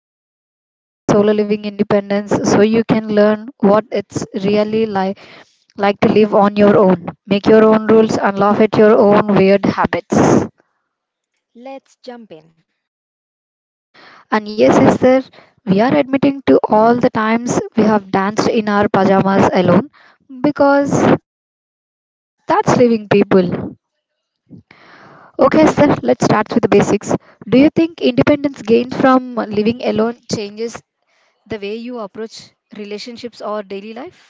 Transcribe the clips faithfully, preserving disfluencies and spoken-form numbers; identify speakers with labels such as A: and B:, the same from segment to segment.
A: episode, we are unpacking solo living independence so you can learn what it's really like, like to live on your own, make your own rules, and laugh at your own weird habits.
B: Let's jump in.
A: And yes, sister, we are admitting to all the times we have danced in our pajamas alone because that's living people. Okay, sir, let's start with the basics. Do you think independence gained from living alone changes the way you approach relationships or daily life?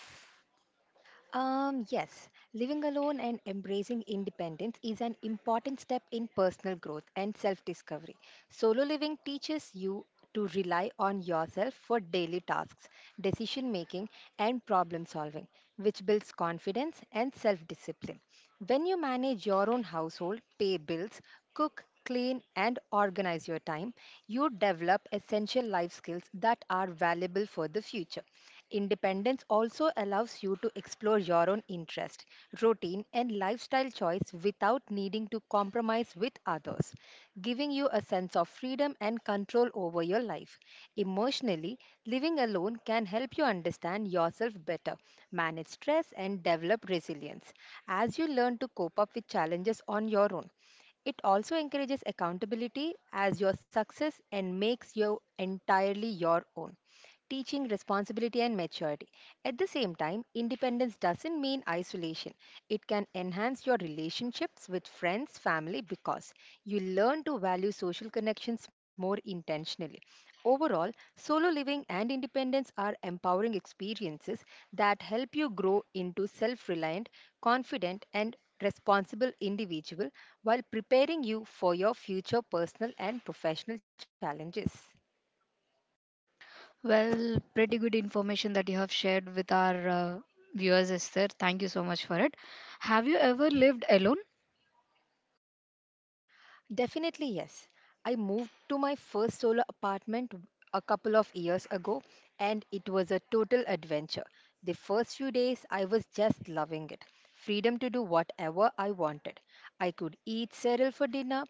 B: Um, yes, living alone and embracing independence is an important step in personal growth and self discovery. Solo living teaches you to rely on yourself for daily tasks, decision making, and problem solving, which builds confidence and self discipline. When you manage your own household, pay bills, cook, clean, and organize your time, you develop essential life skills that are valuable for the future. Independence also allows you to explore your own interest, routine, and lifestyle choice without needing to compromise with others, giving you a sense of freedom and control over your life. Emotionally, living alone can help you understand yourself better, manage stress, and develop resilience as you learn to cope up with challenges on your own. It also encourages accountability as your success and makes you entirely your own teaching responsibility and maturity. At the same time, independence doesn't mean isolation. It can enhance your relationships with friends, family, because you learn to value social connections more intentionally. Overall, solo living and independence are empowering experiences that help you grow into self reliant, confident, and responsible individual while preparing you for your future personal and professional challenges.
A: Well, pretty good information that you have shared with our uh, viewers, Esther. Thank you so much for it. Have you ever lived alone?
B: Definitely, yes. I moved to my first solo apartment a couple of years ago, and it was a total adventure. The first few days, I was just loving it freedom to do whatever I wanted. I could eat cereal for dinner,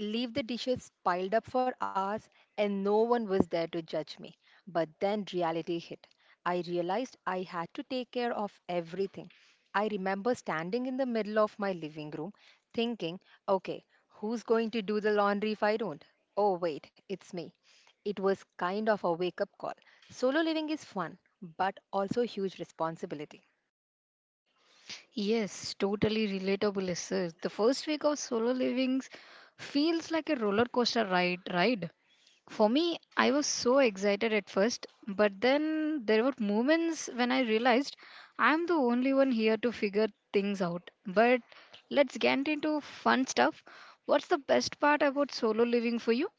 B: leave the dishes piled up for hours, and no one was there to judge me. But then reality hit. I realized I had to take care of everything. I remember standing in the middle of my living room thinking, okay, who's going to do the laundry if I don't? Oh, wait, it's me. It was kind of a wake up call. Solo living is fun, but also huge responsibility.
A: Yes, totally relatable, sir. The first week of solo living feels like a roller coaster ride, ride. For me, I was so excited at first, but then there were moments when I realized I'm the only one here to figure things out. But let's get into fun stuff. What's the best part about solo living for you?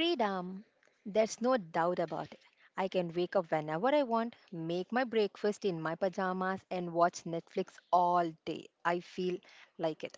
B: Freedom. There's no doubt about it. I can wake up whenever I want, make my breakfast in my pajamas, and watch Netflix all day. I feel like it.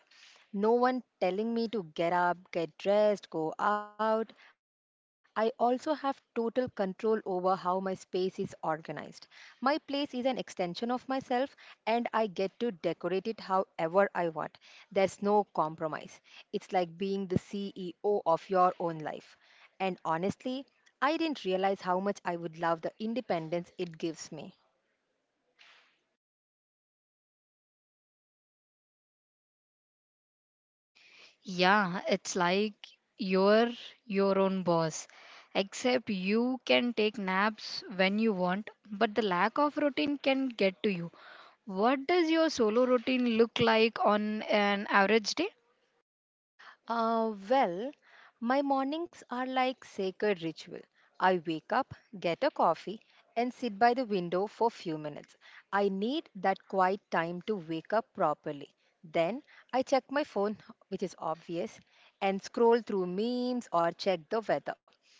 B: No one telling me to get up, get dressed, go out. I also have total control over how my space is organized. My place is an extension of myself and I get to decorate it however I want. There's no compromise. It's like being the C E O of your own life. And honestly, I didn't realize how much I would love the independence it gives me.
A: Yeah, it's like you're your own boss. Except you can take naps when you want, but the lack of routine can get to you. What does your solo routine look like on an average day?
B: Uh, well, my mornings are like sacred ritual. I wake up, get a coffee, and sit by the window for few minutes. I need that quiet time to wake up properly. Then I check my phone, which is obvious, and scroll through memes or check the weather.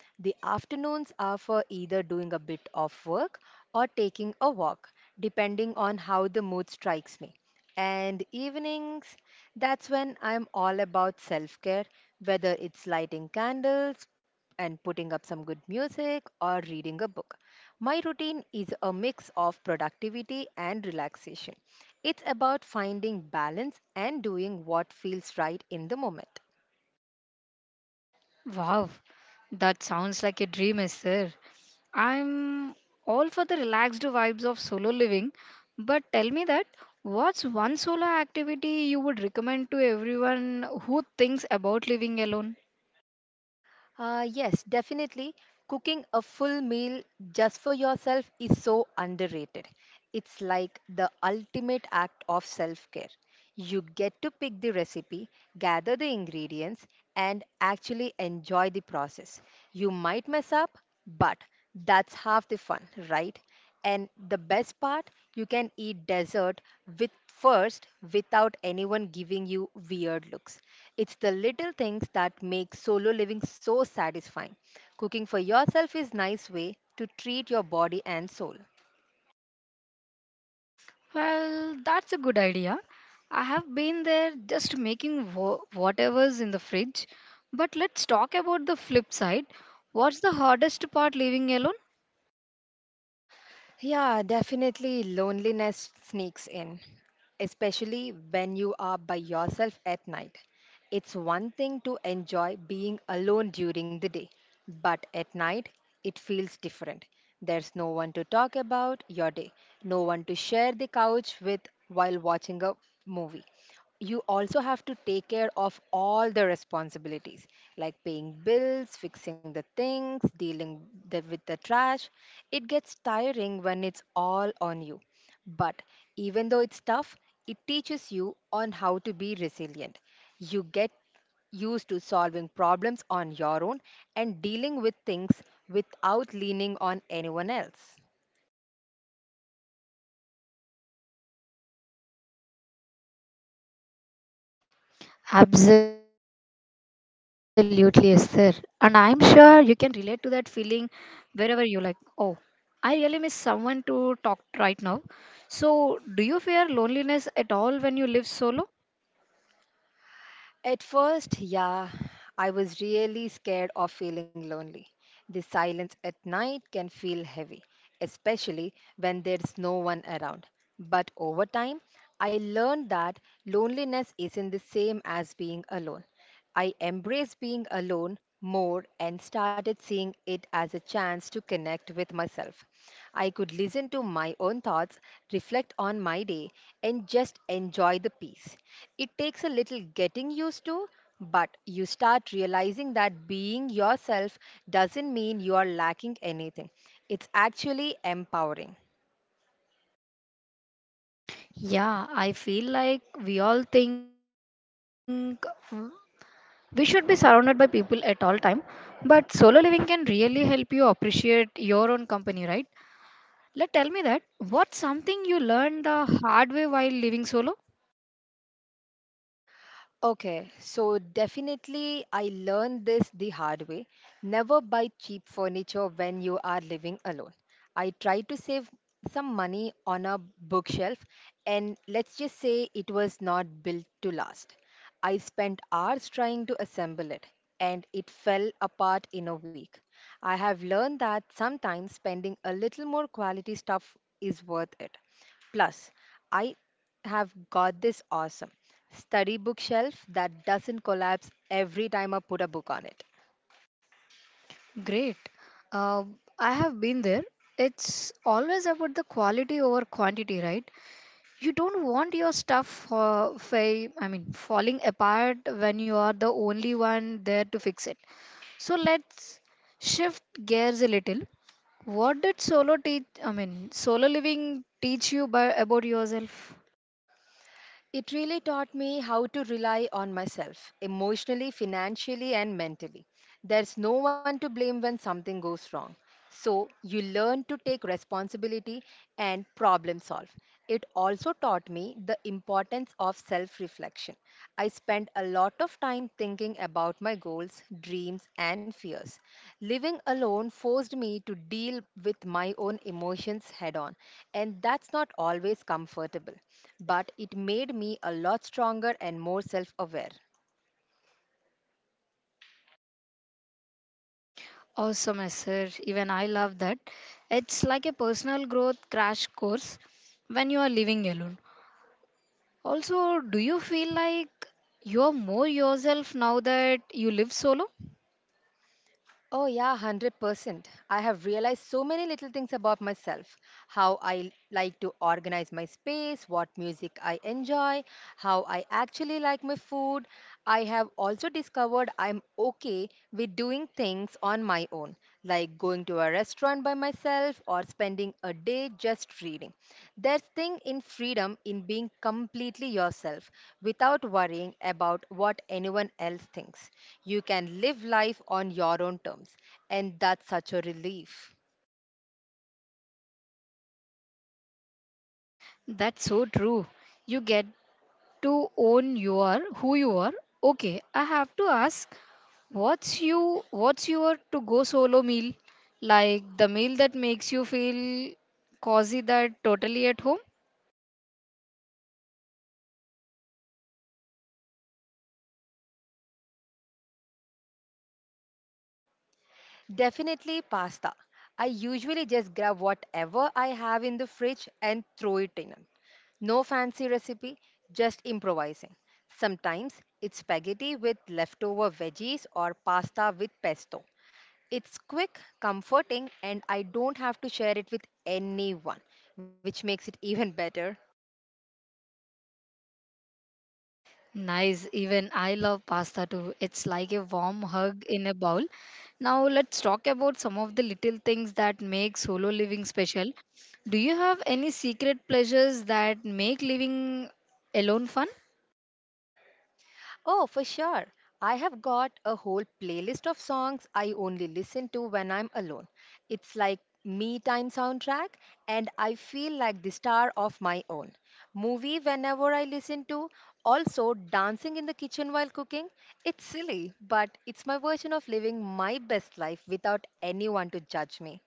B: The afternoons are for either doing a bit of work or taking a walk, depending on how the mood strikes me and evenings that's when I'm all about self care, whether it's lighting candles and putting up some good music or reading a book. My routine is a mix of productivity and relaxation. It's about finding balance and doing what feels right in the moment.
A: Wow, that sounds like a dream, is sir. I'm all for the relaxed vibes of solo living, but tell me that what's one solo activity you would recommend to everyone who thinks about living alone?
B: Uh, yes, definitely. Cooking a full meal just for yourself is so underrated. It's like the ultimate act of self care. You get to pick the recipe, gather the ingredients, and actually enjoy the process. You might mess up, but that's half the fun, right? And the best part, you can eat dessert with first without anyone giving you weird looks. It's the little things that make solo living so satisfying. Cooking for yourself is nice way to treat your body and soul.
A: Well, that's a good idea. I have been there just making wo- whatever's in the fridge. But let's talk about the flip side. What's the hardest part living alone?
B: Yeah, definitely loneliness sneaks in, especially when you are by yourself at night. It's one thing to enjoy being alone during the day, but at night it feels different. There's no one to talk about your day, no one to share the couch with while watching a movie, you also have to take care of all the responsibilities like paying bills fixing the things dealing the, with the trash it gets tiring when it's all on you but even though it's tough it teaches you on how to be resilient you get used to solving problems on your own and dealing with things without leaning on anyone else.
A: Absolutely, Esther. And I'm sure you can relate to that feeling wherever you like. Oh, I really miss someone to talk right now. So, do you fear loneliness at all when you live solo?
B: At first, yeah, I was really scared of feeling lonely. The silence at night can feel heavy, especially when there's no one around. But over time, I learned that loneliness isn't the same as being alone. I embraced being alone more and started seeing it as a chance to connect with myself. I could listen to my own thoughts, reflect on my day, and just enjoy the peace. It takes a little getting used to, but you start realizing that being yourself doesn't mean you are lacking anything. It's actually empowering.
A: Yeah, I feel like we all think mm, we should be surrounded by people at all time, but solo living can really help you appreciate your own company, right? Let tell me that what's something you learned the hard way while living solo?
B: Okay, so definitely I learned this the hard way. Never buy cheap furniture when you are living alone. I tried to save some money on a bookshelf, and let's just say it was not built to last. I spent hours trying to assemble it, and it fell apart in a week. I have learned that sometimes spending a little more quality stuff is worth it. Plus, I have got this awesome study bookshelf that doesn't collapse every time I put a book on it.
A: Great. Uh, I have been there. It's always about the quality over quantity, right? You don't want your stuff, uh, fa- I mean, falling apart when you are the only one there to fix it. So let's shift gears a little. What did solo teach? I mean, solo living teach you by, about yourself?
B: It really taught me how to rely on myself emotionally, financially, and mentally. There's no one to blame when something goes wrong. So, you learn to take responsibility and problem solve. It also taught me the importance of self reflection reflection. I spend a lot of time thinking about my goals, dreams, and fears. Living alone forced me to deal with my own emotions head on, and that's not always comfortable, but it made me a lot stronger and more self aware.
A: Awesome, sir. Even I love that. It's like a personal growth crash course when you are living alone. Also, do you feel like you are more yourself now that you live solo?
B: Oh, yeah, one hundred percent. I have realized so many little things about myself how I like to organize my space, what music I enjoy, how I actually like my food. I have also discovered I'm okay with doing things on my own like going to a restaurant by myself or spending a day just reading. There's thing in freedom in being completely yourself without worrying about what anyone else thinks. You can live life on your own terms, and that's such a relief.
A: That's so true. You get to own you are who you are. Okay, I have to ask. What's you what's your to go solo meal? Like the meal that makes you feel cozy that totally at home?
B: Definitely pasta. I usually just grab whatever I have in the fridge and throw it in. No fancy recipe, just improvising. Sometimes it's spaghetti with leftover veggies or pasta with pesto. It's quick, comforting, and I don't have to share it with anyone, which makes it even better.
A: Nice. Even I love pasta too. It's like a warm hug in a bowl. Now let's talk about some of the little things that make solo living special. Do you have any secret pleasures that make living alone fun?
B: Oh, for sure. I have got a whole playlist of songs I only listen to when I'm alone. It's like me time soundtrack and I feel like the star of my own movie whenever I listen to also dancing in the kitchen while cooking it's silly but it's my version of living my best life without anyone to judge me.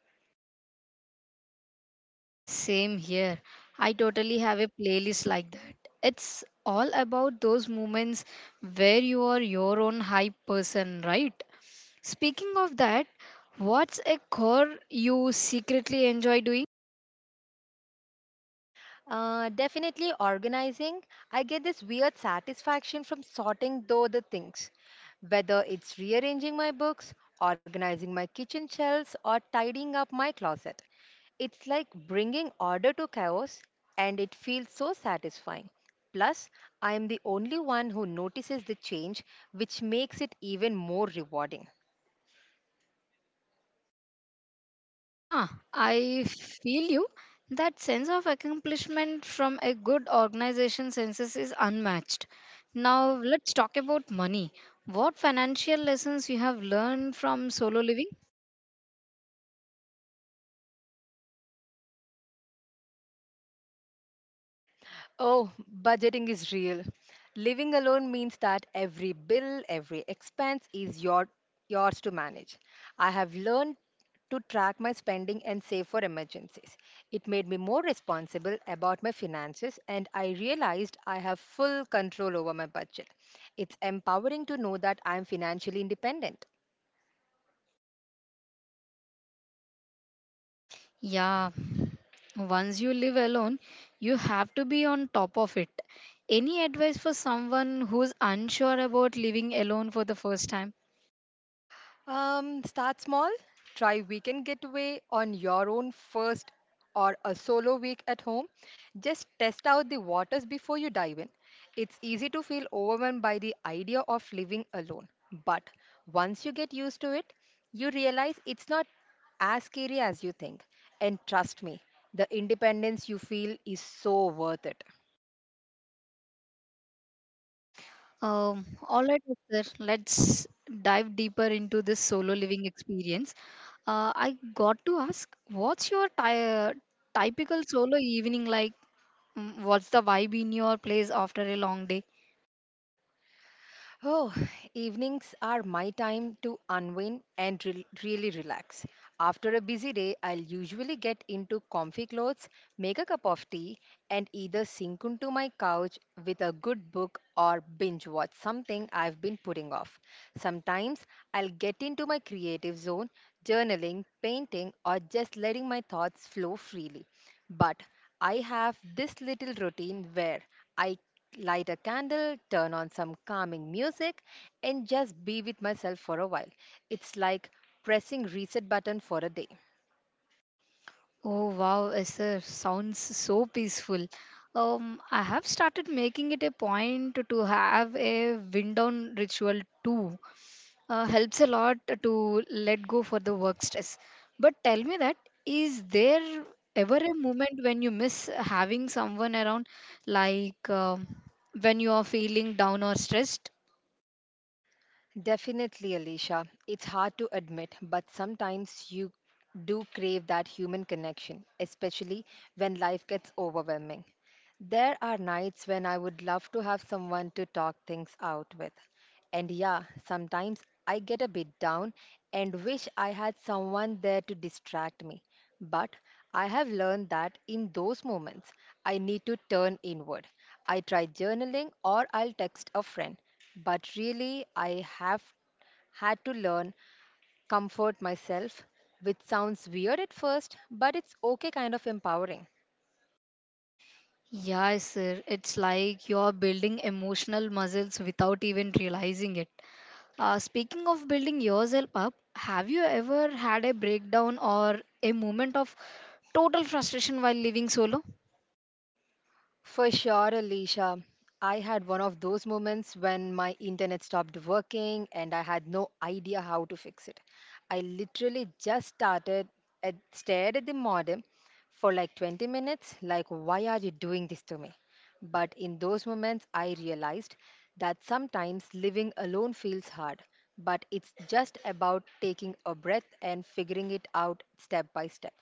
A: Same here. I totally have a playlist like that. It's all about those moments where you are your own hype person, right? Speaking of that, what's a chore you secretly enjoy doing?
B: Uh, definitely organizing. I get this weird satisfaction from sorting though the things, whether it's rearranging my books, organizing my kitchen shelves, or tidying up my closet. It's like bringing order to chaos, and it feels so satisfying. Plus, I am the only one who notices the change, which makes it even more rewarding.
A: Huh, I feel you. That sense of accomplishment from a good organization census is unmatched. Now, let's talk about money. What financial lessons you have learned from solo living?
B: Oh, budgeting is real. Living alone means that every bill, every expense is your yours to manage. I have learned to track my spending and save for emergencies. It made me more responsible about my finances and I realized I have full control over my budget. It's empowering to know that I am financially independent.
A: Yeah, once you live alone, you have to be on top of it. Any advice for someone who's unsure about living alone for the first time?
B: Um, start small. Try weekend getaway on your own first or a solo week at home. Just test out the waters before you dive in. It's easy to feel overwhelmed by the idea of living alone. But once you get used to it, you realize it's not as scary as you think. And trust me, the independence you feel is so worth it.
A: Um, all right, sir. Let's dive deeper into this solo living experience. Uh, I got to ask, what's your ty- typical solo evening like? Mm, What's the vibe in your place after a long day?
B: Oh, evenings are my time to unwind and re- really relax. After a busy day, I'll usually get into comfy clothes, make a cup of tea, and either sink into my couch with a good book or binge watch something I've been putting off. Sometimes I'll get into my creative zone, journaling, painting, or just letting my thoughts flow freely. But I have this little routine where I light a candle, turn on some calming music, and just be with myself for a while. It's like pressing reset button for a day.
A: Oh wow, Esther, sounds so peaceful. Um, I have started making it a point to have a wind down ritual too. Uh, helps a lot to let go for the work stress. But tell me that is there ever a moment when you miss having someone around, like um, when you are feeling down or stressed?
B: Definitely, Alicia. It's hard to admit, but sometimes you do crave that human connection, especially when life gets overwhelming. There are nights when I would love to have someone to talk things out with. And yeah, sometimes I get a bit down and wish I had someone there to distract me. But I have learned that in those moments, I need to turn inward. I try journaling or I'll text a friend. But really, I have had to learn comfort myself, which sounds weird at first, but it's okay kind of empowering.
A: Yeah, sir. It's like you're building emotional muscles without even realizing it. Uh, speaking of building yourself up, have you ever had a breakdown or a moment of total frustration while living solo?
B: For sure, Alicia. I had one of those moments when my internet stopped working and I had no idea how to fix it. I literally just started at stared at the modem for like twenty minutes, like, why are you doing this to me? But in those moments, I realized that sometimes living alone feels hard, but it's just about taking a breath and figuring it out step by step.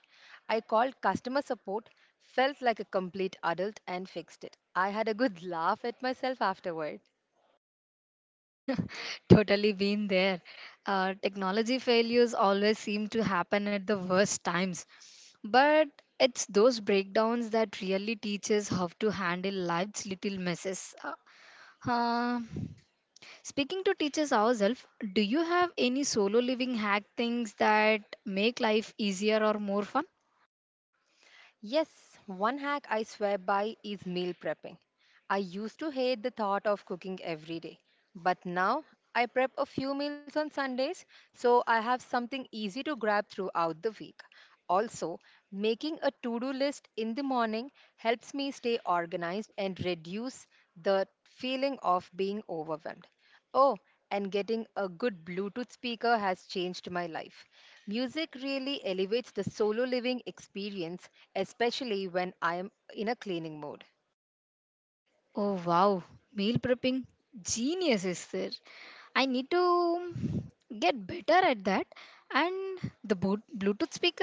B: I called customer support, felt like a complete adult, and fixed it. I had a good laugh at myself afterward.
A: Totally been there. Uh, technology failures always seem to happen at the worst times. But it's those breakdowns that really teach us how to handle life's little messes. Uh, uh, Speaking to teachers ourselves, do you have any solo living hack things that make life easier or more fun?
B: Yes, one hack I swear by is meal prepping. I used to hate the thought of cooking every day, but now I prep a few meals on Sundays so I have something easy to grab throughout the week. Also, making a to do list in the morning helps me stay organized and reduce the feeling of being overwhelmed. Oh, and getting a good Bluetooth speaker has changed my life. Music really elevates the solo living experience, especially when I am in a cleaning mode.
A: Oh wow, meal prepping genius is there. I need to get better at that. And the boot- Bluetooth speaker,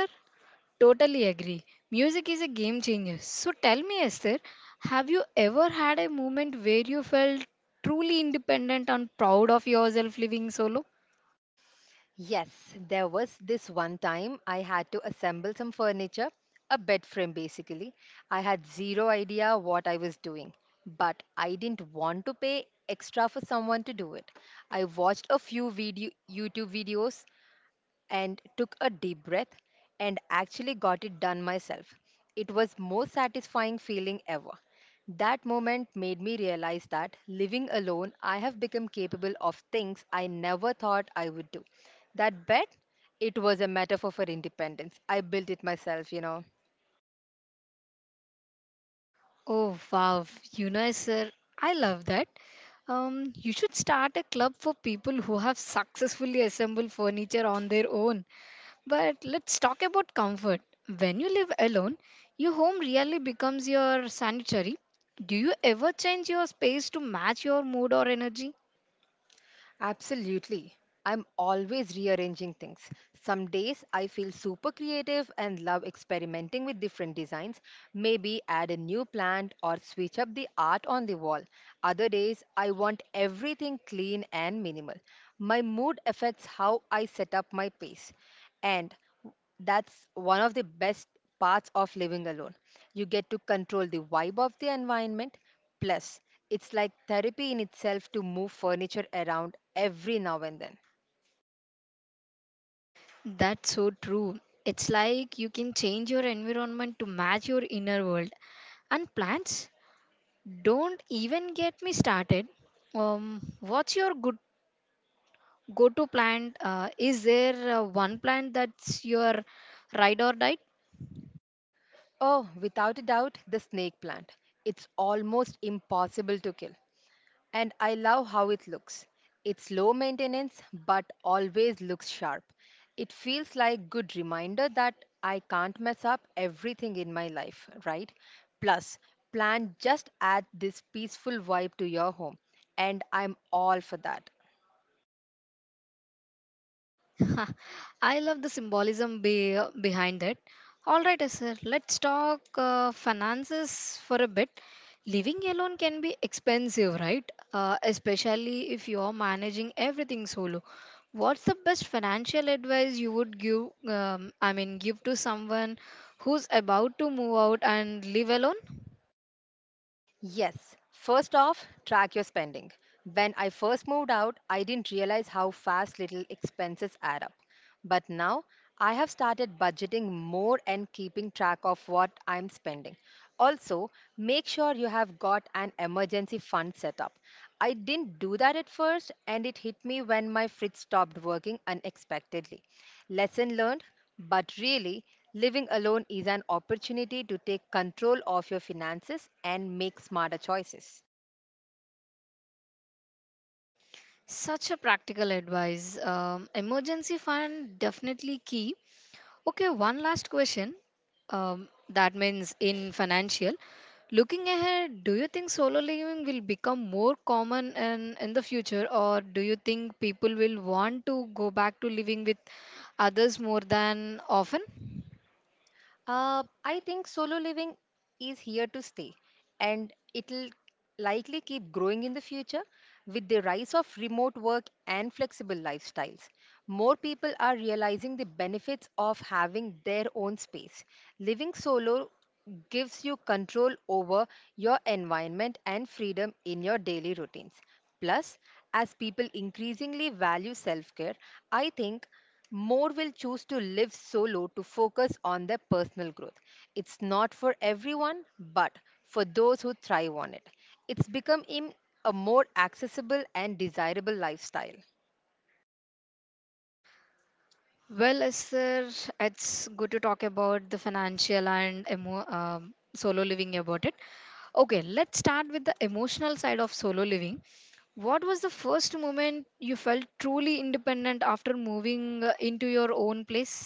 A: totally agree. Music is a game changer. So tell me, Esther, have you ever had a moment where you felt truly independent and proud of yourself living solo?
B: Yes, there was this one time I had to assemble some furniture, a bed frame basically. I had zero idea what I was doing, but I didn't want to pay extra for someone to do it. I watched a few video YouTube videos and took a deep breath and actually got it done myself. It was most satisfying feeling ever. That moment made me realize that living alone I have become capable of things I never thought I would do. That bet It was a metaphor for independence. I built it myself, you know.
A: Oh wow, you know, sir, I love that. Um, you should start a club for people who have successfully assembled furniture on their own. But let's talk about comfort. When you live alone, your home really becomes your sanctuary. Do you ever change your space to match your mood or energy?
B: Absolutely. I'm always rearranging things. Some days I feel super creative and love experimenting with different designs, maybe add a new plant or switch up the art on the wall. Other days I want everything clean and minimal. My mood affects how I set up my pace. And that's one of the best parts of living alone. You get to control the vibe of the environment. Plus, it's like therapy in itself to move furniture around every now and then.
A: That's so true. It's like you can change your environment to match your inner world. And plants? Don't even get me started. Um, what's your good go-to plant? Uh, is there uh, one plant that's your ride or die?
B: Oh, without a doubt, the snake plant. It's almost impossible to kill. And I love how it looks. It's low maintenance but always looks sharp. It feels like good reminder that I can't mess up everything in my life, right? Plus, plan just add this peaceful vibe to your home, and I'm all for that.
A: I love the symbolism be, behind it. All right, sir, let's talk uh, finances for a bit. Living alone can be expensive, right? Uh, especially if you're managing everything solo. What's the best financial advice you would give? Um, I mean, give to someone who's about to move out and live alone?
B: Yes. First off, track your spending. When I first moved out, I didn't realize how fast little expenses add up. But now, I have started budgeting more and keeping track of what I'm spending. Also, make sure you have got an emergency fund set up. I didn't do that at first, and it hit me when my fridge stopped working unexpectedly. Lesson learned, but really, living alone is an opportunity to take control of your finances and make smarter choices.
A: Such a practical advice. Um, emergency fund definitely key. Okay, one last question. Um, that means in financial. Looking ahead, do you think solo living will become more common in, in the future, or do you think people will want to go back to living with others more than often?
B: Uh, I think solo living is here to stay, and it'll likely keep growing in the future with the rise of remote work and flexible lifestyles. More people are realizing the benefits of having their own space. Living solo gives you control over your environment and freedom in your daily routines. Plus, as people increasingly value self care, I think more will choose to live solo to focus on their personal growth. It's not for everyone, but for those who thrive on it, it's become a more accessible and desirable lifestyle.
A: Well, uh, sir, it's good to talk about the financial and emo- um, solo living about it. Okay, let's start with the emotional side of solo living. What was the first moment you felt truly independent after moving uh, into your own place?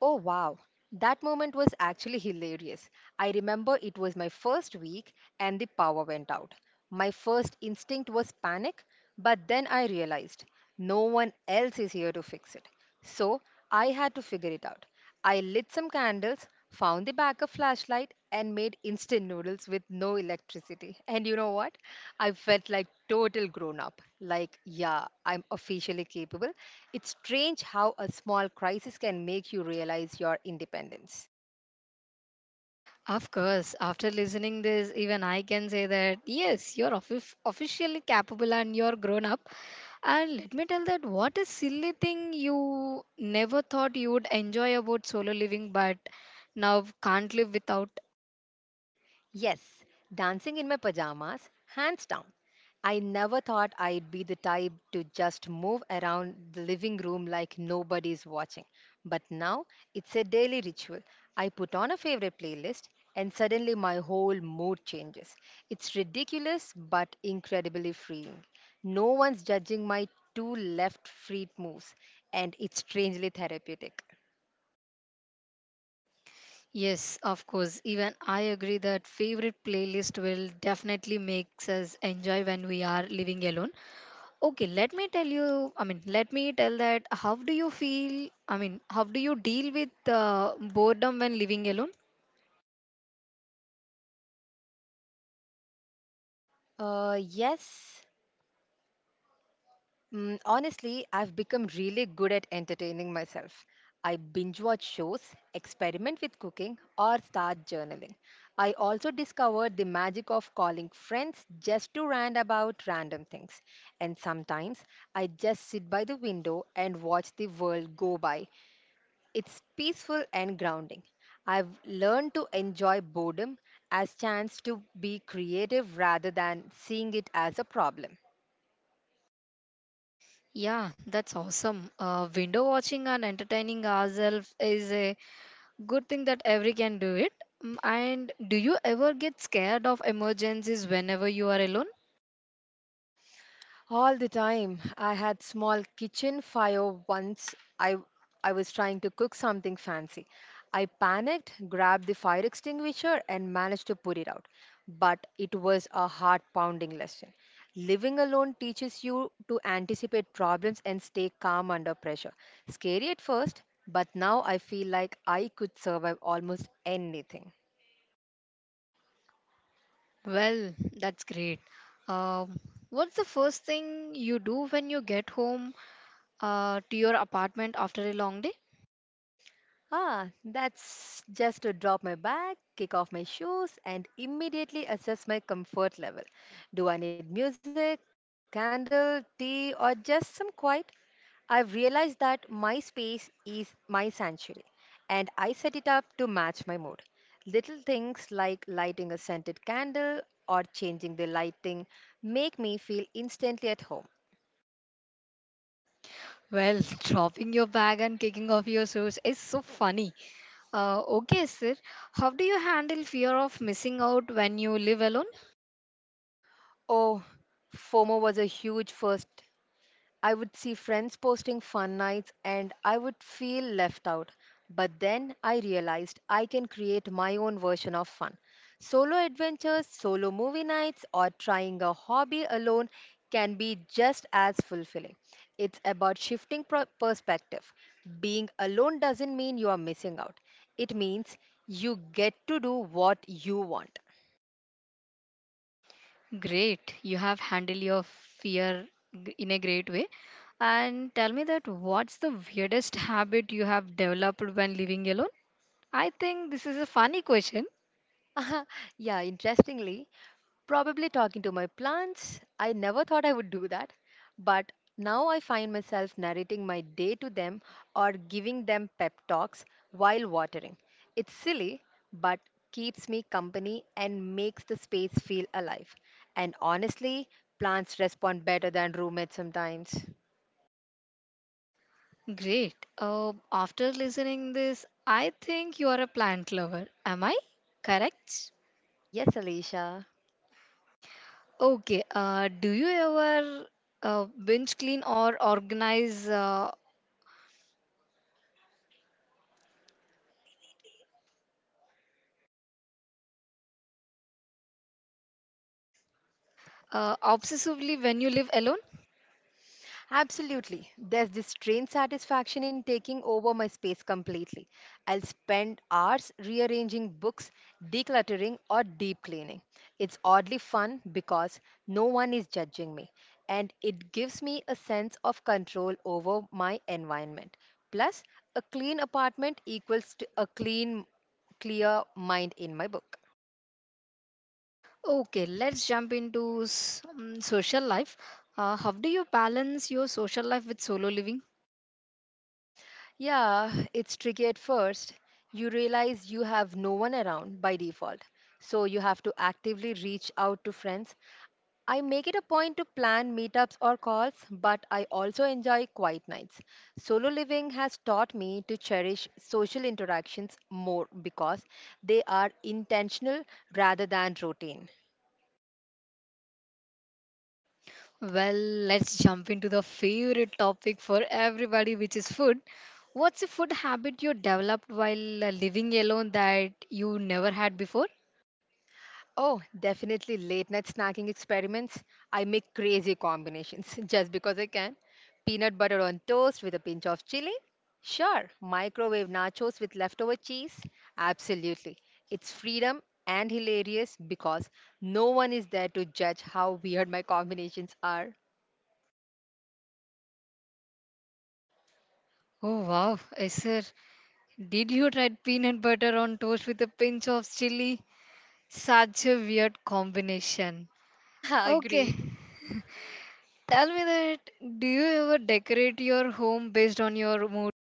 B: Oh wow, that moment was actually hilarious. I remember it was my first week and the power went out. My first instinct was panic, but then I realized no one else is here to fix it. So I had to figure it out. I lit some candles, found the backup flashlight, and made instant noodles with no electricity. And you know what? I felt like total grown up. Like, yeah, I'm officially capable. It's strange how a small crisis can make you realize your independence.
A: Of course, after listening this, even I can say that yes, you're offi- officially capable and you're grown up. And let me tell that what a silly thing you never thought you would enjoy about solo living, but now can't live without.
B: Yes, dancing in my pajamas, hands down. I never thought I'd be the type to just move around the living room like nobody's watching. But now it's a daily ritual. I put on a favorite playlist and suddenly my whole mood changes. It's ridiculous but incredibly freeing. No one's judging my two left feet moves, and it's strangely therapeutic.
A: Yes, of course, even I agree that favorite playlist will definitely makes us enjoy when we are living alone. Okay, let me tell you. I mean, let me tell that how do you feel? I mean, how do you deal with uh, boredom when living alone?
B: Uh, yes, Mm, honestly, I've become really good at entertaining myself. I binge watch shows, experiment with cooking, or start journaling. I also discovered the magic of calling friends just to rant about random things. And sometimes I just sit by the window and watch the world go by. It's peaceful and grounding. I've learned to enjoy boredom as chance to be creative rather than seeing it as a problem.
A: Yeah, that's awesome. Uh, window watching and entertaining ourselves is a good thing that every can do it. Mm, And do you ever get scared of emergencies whenever you are alone?
B: All the time. I had small kitchen fire once. I I was trying to cook something fancy. I panicked, grabbed the fire extinguisher and managed to put it out. But it was a heart-pounding lesson. Living alone teaches you to anticipate problems and stay calm under pressure. Scary at first, but now I feel like I could survive almost anything.
A: Well, that's great. Um, what's the first thing you do when you get home uh, to your apartment after a long day?
B: Ah, that's just to drop my bag, kick off my shoes, and immediately assess my comfort level. Do I need music, candle, tea, or just some quiet? I've realized that my space is my sanctuary, and I set it up to match my mood. Little things like lighting a scented candle or changing the lighting make me feel instantly at home.
A: Well, dropping your bag and kicking off your shoes is so funny. Uh, okay, sir. How do you handle fear of missing out when you live alone?
B: Oh, FOMO was a huge first. I would see friends posting fun nights and I would feel left out. But then I realized I can create my own version of fun. Solo adventures, solo movie nights, or trying a hobby alone can be just as fulfilling. It's about shifting pro- perspective. Being alone doesn't mean you are missing out, it means you get to do what you want.
A: Great. You have handled your fear g- in a great way. And tell me that what's the weirdest habit you have developed when living alone? I think this is a funny question.
B: Yeah, interestingly, probably talking to my plants. I never thought I would do that, but now I find myself narrating my day to them or giving them pep talks while watering. It's silly, but keeps me company and makes the space feel alive. And honestly, plants respond better than roommates sometimes.
A: Great. Uh, after listening this, I think you are a plant lover. Am I correct?
B: Yes, Alicia.
A: Okay. Uh, do you ever uh, binge clean or organize uh, uh, obsessively when you live alone?
B: Absolutely. There's this strange satisfaction in taking over my space completely. I'll spend hours rearranging books, decluttering, or deep cleaning. It's oddly fun because no one is judging me, and it gives me a sense of control over my environment. Plus, a clean apartment equals to a clean, clear mind in my book.
A: Okay, let's jump into s- um, social life. Uh, how do you balance your social life with solo living?
B: Yeah, it's tricky at first. You realize you have no one around by default, so you have to actively reach out to friends. I make it a point to plan meetups or calls, but I also enjoy quiet nights. Solo living has taught me to cherish social interactions more because they are intentional rather than routine.
A: Well, let's jump into the favorite topic for everybody, which is food. What's a food habit you developed while uh, living alone that you never had before?
B: Oh, definitely late night snacking experiments. I make crazy combinations just because I can. Peanut butter on toast with a pinch of chili? Sure. Microwave nachos with leftover cheese? Absolutely. It's freedom and hilarious because no one is there to judge how weird my combinations are.
A: Oh wow, yes, sir. Did you try peanut butter on toast with a pinch of chili? Such a weird combination. Okay,
B: Agreed.
A: tell me that do you ever decorate your home based on your mood?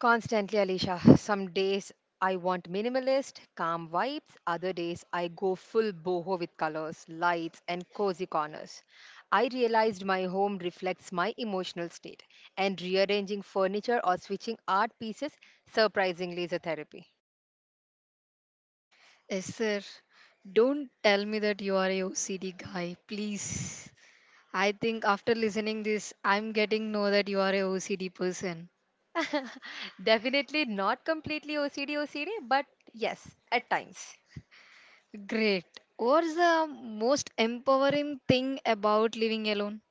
B: Constantly, Alisha. Some days I want minimalist, calm vibes. Other days I go full boho with colors, lights, and cozy corners. I realized my home reflects my emotional state, and rearranging furniture or switching art pieces surprisingly is a therapy.
A: Yes, sir. Don't tell me that you are a O C D guy, please. I think after listening this, I'm getting know that you are a O C D person.
B: Definitely not completely O C D O C D, but yes, at times.
A: Great. What's the most empowering thing about living alone?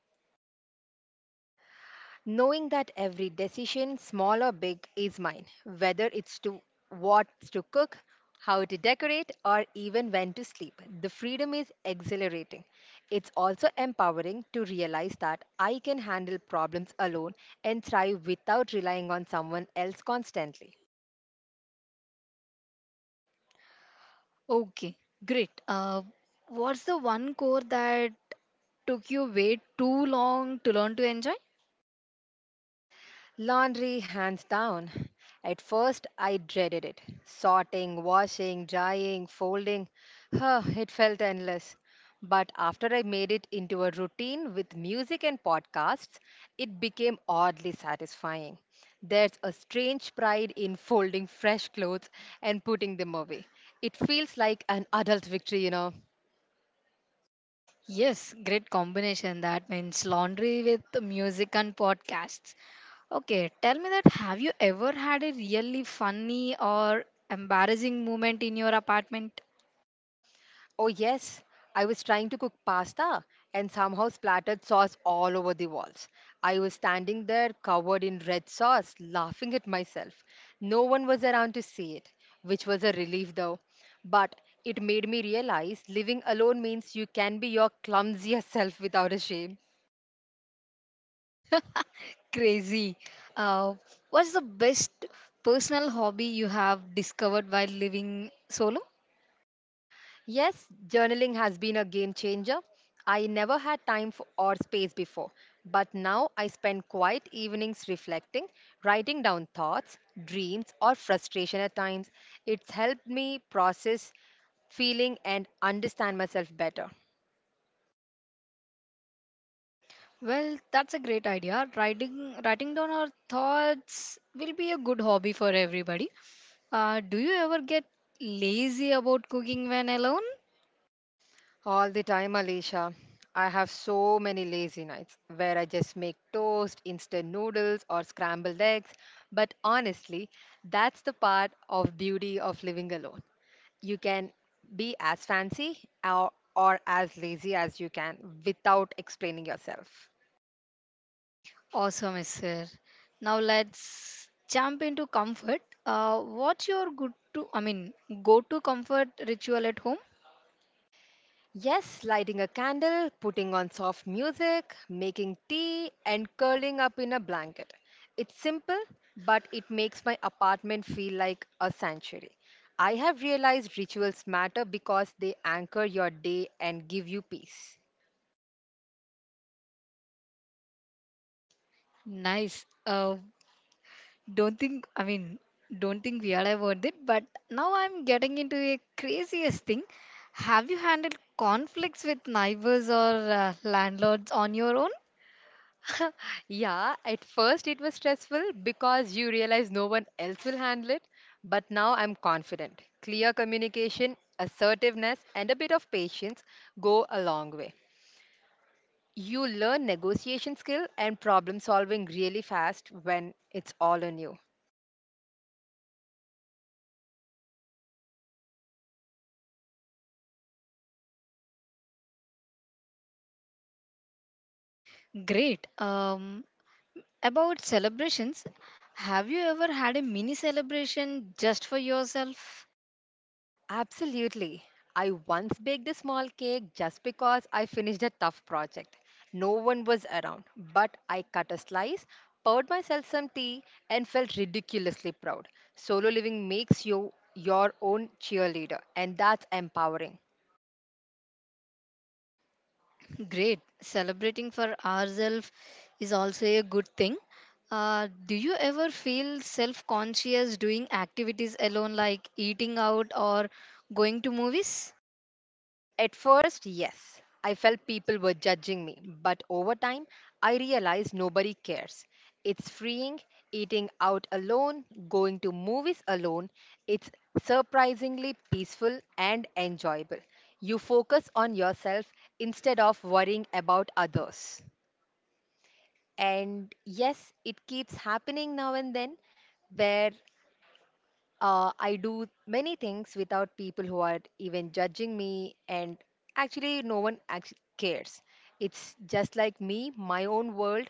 B: Knowing that every decision, small or big, is mine, whether it's to what to cook, how to decorate, or even when to sleep. The freedom is exhilarating. It's also empowering to realize that I can handle problems alone and thrive without relying on someone else constantly.
A: Okay, great. Uh, what's the one core that took you way too long to learn to enjoy?
B: Laundry, hands down. At first, I dreaded it. Sorting, washing, drying, folding. Huh, it felt endless. But after I made it into a routine with music and podcasts, it became oddly satisfying. There's a strange pride in folding fresh clothes and putting them away. It feels like an adult victory, you know.
A: Yes, great combination. That means laundry with music and podcasts. Okay, tell me that have you ever had a really funny or embarrassing moment in your apartment?
B: Oh, yes. I was trying to cook pasta and somehow splattered sauce all over the walls. I was standing there covered in red sauce, laughing at myself. No one was around to see it, which was a relief though. But it made me realize living alone means you can be your clumsiest self without a shame.
A: Crazy. Uh, what's the best personal hobby you have discovered while living solo?
B: Yes, journaling has been a game changer. I never had time for, or space before, but now I spend quiet evenings reflecting, writing down thoughts, dreams, or frustration at times. It's helped me process feeling and understand myself better.
A: Well, that's a great idea. Writing, writing down our thoughts will be a good hobby for everybody. Uh, do you ever get lazy about cooking when alone?
B: All the time, Alicia. I have so many lazy nights where I just make toast, instant noodles, or scrambled eggs. But honestly, that's the part of beauty of living alone. You can be as fancy or, or as lazy as you can without explaining yourself.
A: Awesome, yes, sir. Now let's jump into comfort. Uh, what's your good to, I mean, go to comfort ritual at home?
B: Yes, lighting a candle, putting on soft music, making tea, and curling up in a blanket. It's simple, but it makes my apartment feel like a sanctuary. I have realized rituals matter because they anchor your day and give you peace.
A: Nice. Uh, don't think, I mean, don't think we are about it, but now I'm getting into a craziest thing. Have you handled conflicts with neighbors or uh, landlords on your own?
B: Yeah, at first it was stressful because you realize no one else will handle it, but now I'm confident. Clear communication, assertiveness, and a bit of patience go a long way. You learn negotiation skill and problem solving really fast when it's all on you.
A: Great. Um, about celebrations, have you ever had a mini celebration just for yourself?
B: Absolutely. I once baked a small cake just because I finished a tough project. No one was around, but I cut a slice, poured myself some tea, and felt ridiculously proud. Solo living makes you your own cheerleader, and that's empowering.
A: Great. Celebrating for ourselves is also a good thing. Uh, do you ever feel self conscious doing activities alone, like eating out or going to movies?
B: At first, yes, I felt people were judging me, but over time, I realized nobody cares. It's freeing, eating out alone, going to movies alone. It's surprisingly peaceful and enjoyable. You focus on yourself instead of worrying about others. And yes, it keeps happening now and then where uh, I do many things without people who are even judging me, and actually, no one act- cares. It's just like me, my own world,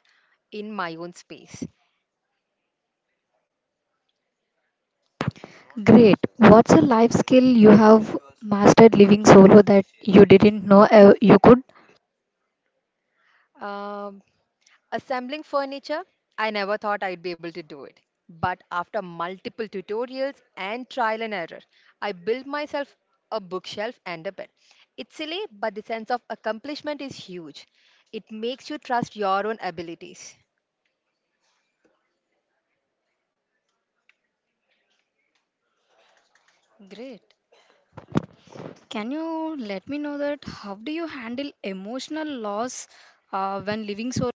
B: in my own space.
A: Great. What's a life skill you have mastered living solo that you didn't know uh, you could?
B: Um, Assembling furniture, I never thought I'd be able to do it. But after multiple tutorials and trial and error, I built myself a bookshelf and a bed. It's silly, but the sense of accomplishment is huge. It makes you trust your own abilities.
A: Great. Can you let me know that how do you handle emotional loss uh, when living solo?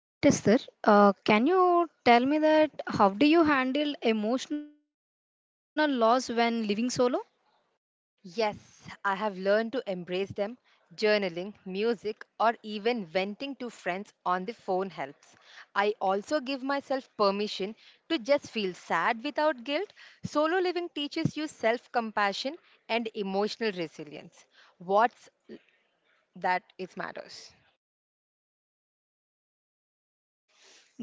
A: Great, Esther. Uh, can you tell me that how do you handle emotional loss when living solo?
B: Yes, I have learned to embrace them. Journaling, music, or even venting to friends on the phone helps. I also give myself permission to just feel sad without guilt. Solo living teaches you self compassion and emotional resilience. What's that it matters.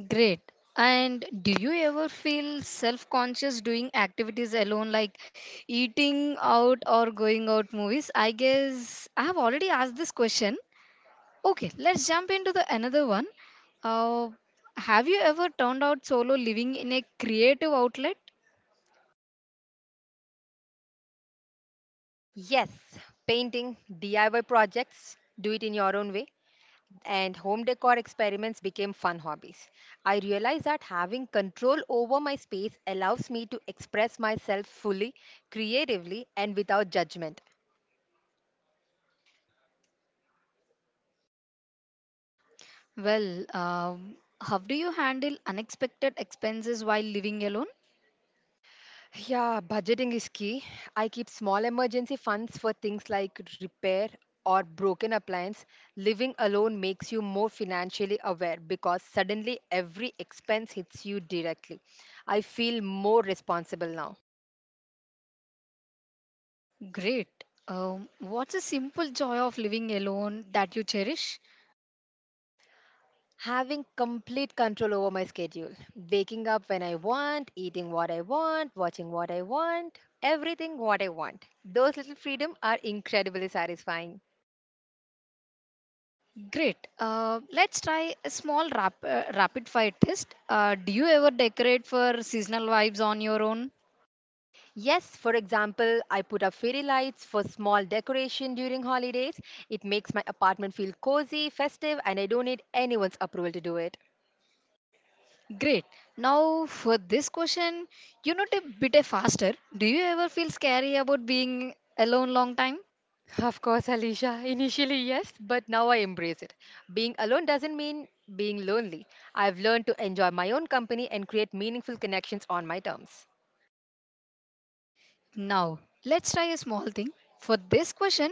A: Great. And do you ever feel self conscious doing activities alone, like eating out or going out movies? I guess I have already asked this question. Okay, let's jump into the another one. Uh, have you ever turned out solo living in a creative outlet?
B: Yes, painting, D I Y projects, do it in your own way. And home decor experiments became fun hobbies. I realized that having control over my space allows me to express myself fully, creatively, and without judgment.
A: Well, um, how do you handle unexpected expenses while living alone?
B: Yeah, budgeting is key. I keep small emergency funds for things like repair or broken appliance. Living alone makes you more financially aware because suddenly every expense hits you directly. I feel more responsible now.
A: Great. Um, what's a simple joy of living alone that you cherish?
B: Having complete control over my schedule. Waking up when I want, eating what I want, watching what I want, everything what I want. Those little freedom are incredibly satisfying.
A: Great. Uh, let's try a small rap- uh, rapid fire test. Uh, do you ever decorate for seasonal vibes on your own?
B: Yes, for example, I put up fairy lights for small decoration during holidays. It makes my apartment feel cozy, festive, and I don't need anyone's approval to do it.
A: Great. Now, for this question, you know, a bit faster. Do you ever feel scary about being alone long time?
B: Of course, Alicia. Initially, yes, but now I embrace it. Being alone doesn't mean being lonely. I've learned to enjoy my own company and create meaningful connections on my terms.
A: Now, let's try a small thing. For this question,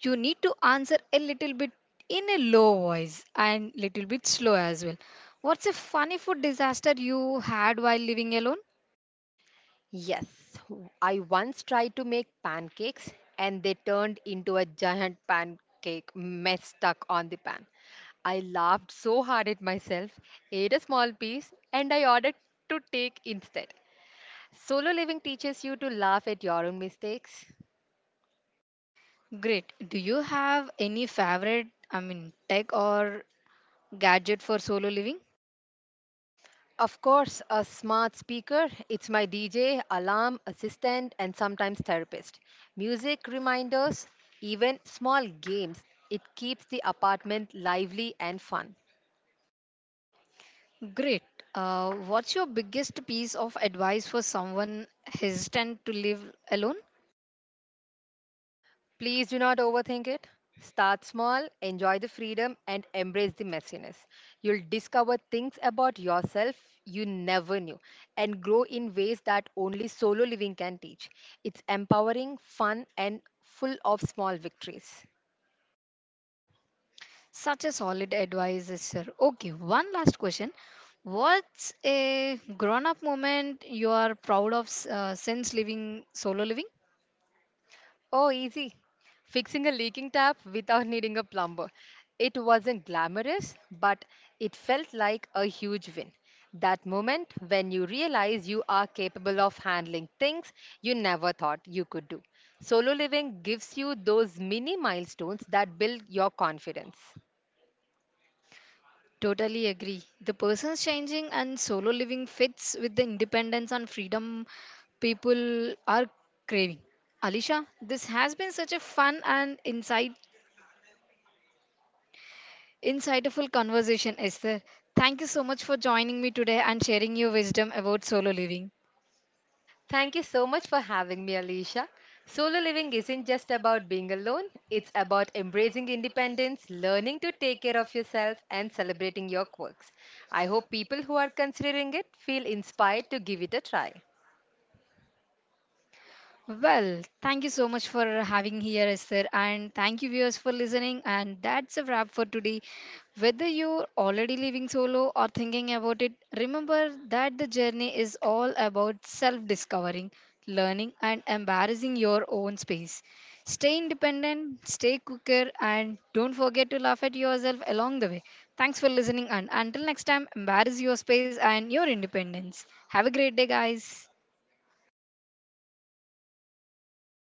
A: you need to answer a little bit in a low voice and little bit slow as well. What's a funny food disaster you had while living alone?
B: Yes, w- I once tried to make pancakes and they turned into a giant pancake mess stuck on the pan. I laughed so hard at myself, ate a small piece, and I ordered to take instead. Solo living teaches you to laugh at your own mistakes.
A: Great. Do you have any favorite, I mean, tech or gadget for solo living?
B: Of course, a smart speaker. It's my D J, alarm, assistant, and sometimes therapist. Music reminders, even small games. It keeps the apartment lively and fun.
A: Great. Uh, what's your biggest piece of advice for someone hesitant to live alone?
B: Please do not overthink it. Start small, enjoy the freedom, and embrace the messiness. You'll discover things about yourself you never knew and grow in ways that only solo living can teach. It's empowering, fun, and full of small victories.
A: Such a solid advice, sir. Okay, one last question. What's a grown up moment you are proud of uh, since living solo living?
B: Oh, easy. Fixing a leaking tap without needing a plumber. It wasn't glamorous, but it felt like a huge win. That moment when you realize you are capable of handling things you never thought you could do. Solo living gives you those mini milestones that build your confidence.
A: Totally agree. The person's changing and solo living fits with the independence and freedom people are craving. Alisha, this has been such a fun and insight, insightful conversation, Esther. Thank you so much for joining me today and sharing your wisdom about solo living.
B: Thank you so much for having me, Alicia. Solo living isn't just about being alone, it's about embracing independence, learning to take care of yourself, and celebrating your quirks. I hope people who are considering it feel inspired to give it a try.
A: Well, thank you so much for having here, Esther, and thank you viewers for listening. And that's a wrap for today. Whether you're already living solo or thinking about it, remember that the journey is all about self-discovering, learning, and embarrassing your own space. Stay independent, stay cooker, and don't forget to laugh at yourself along the way. Thanks for listening, and until next time, embrace your space and your independence. Have a great day, guys.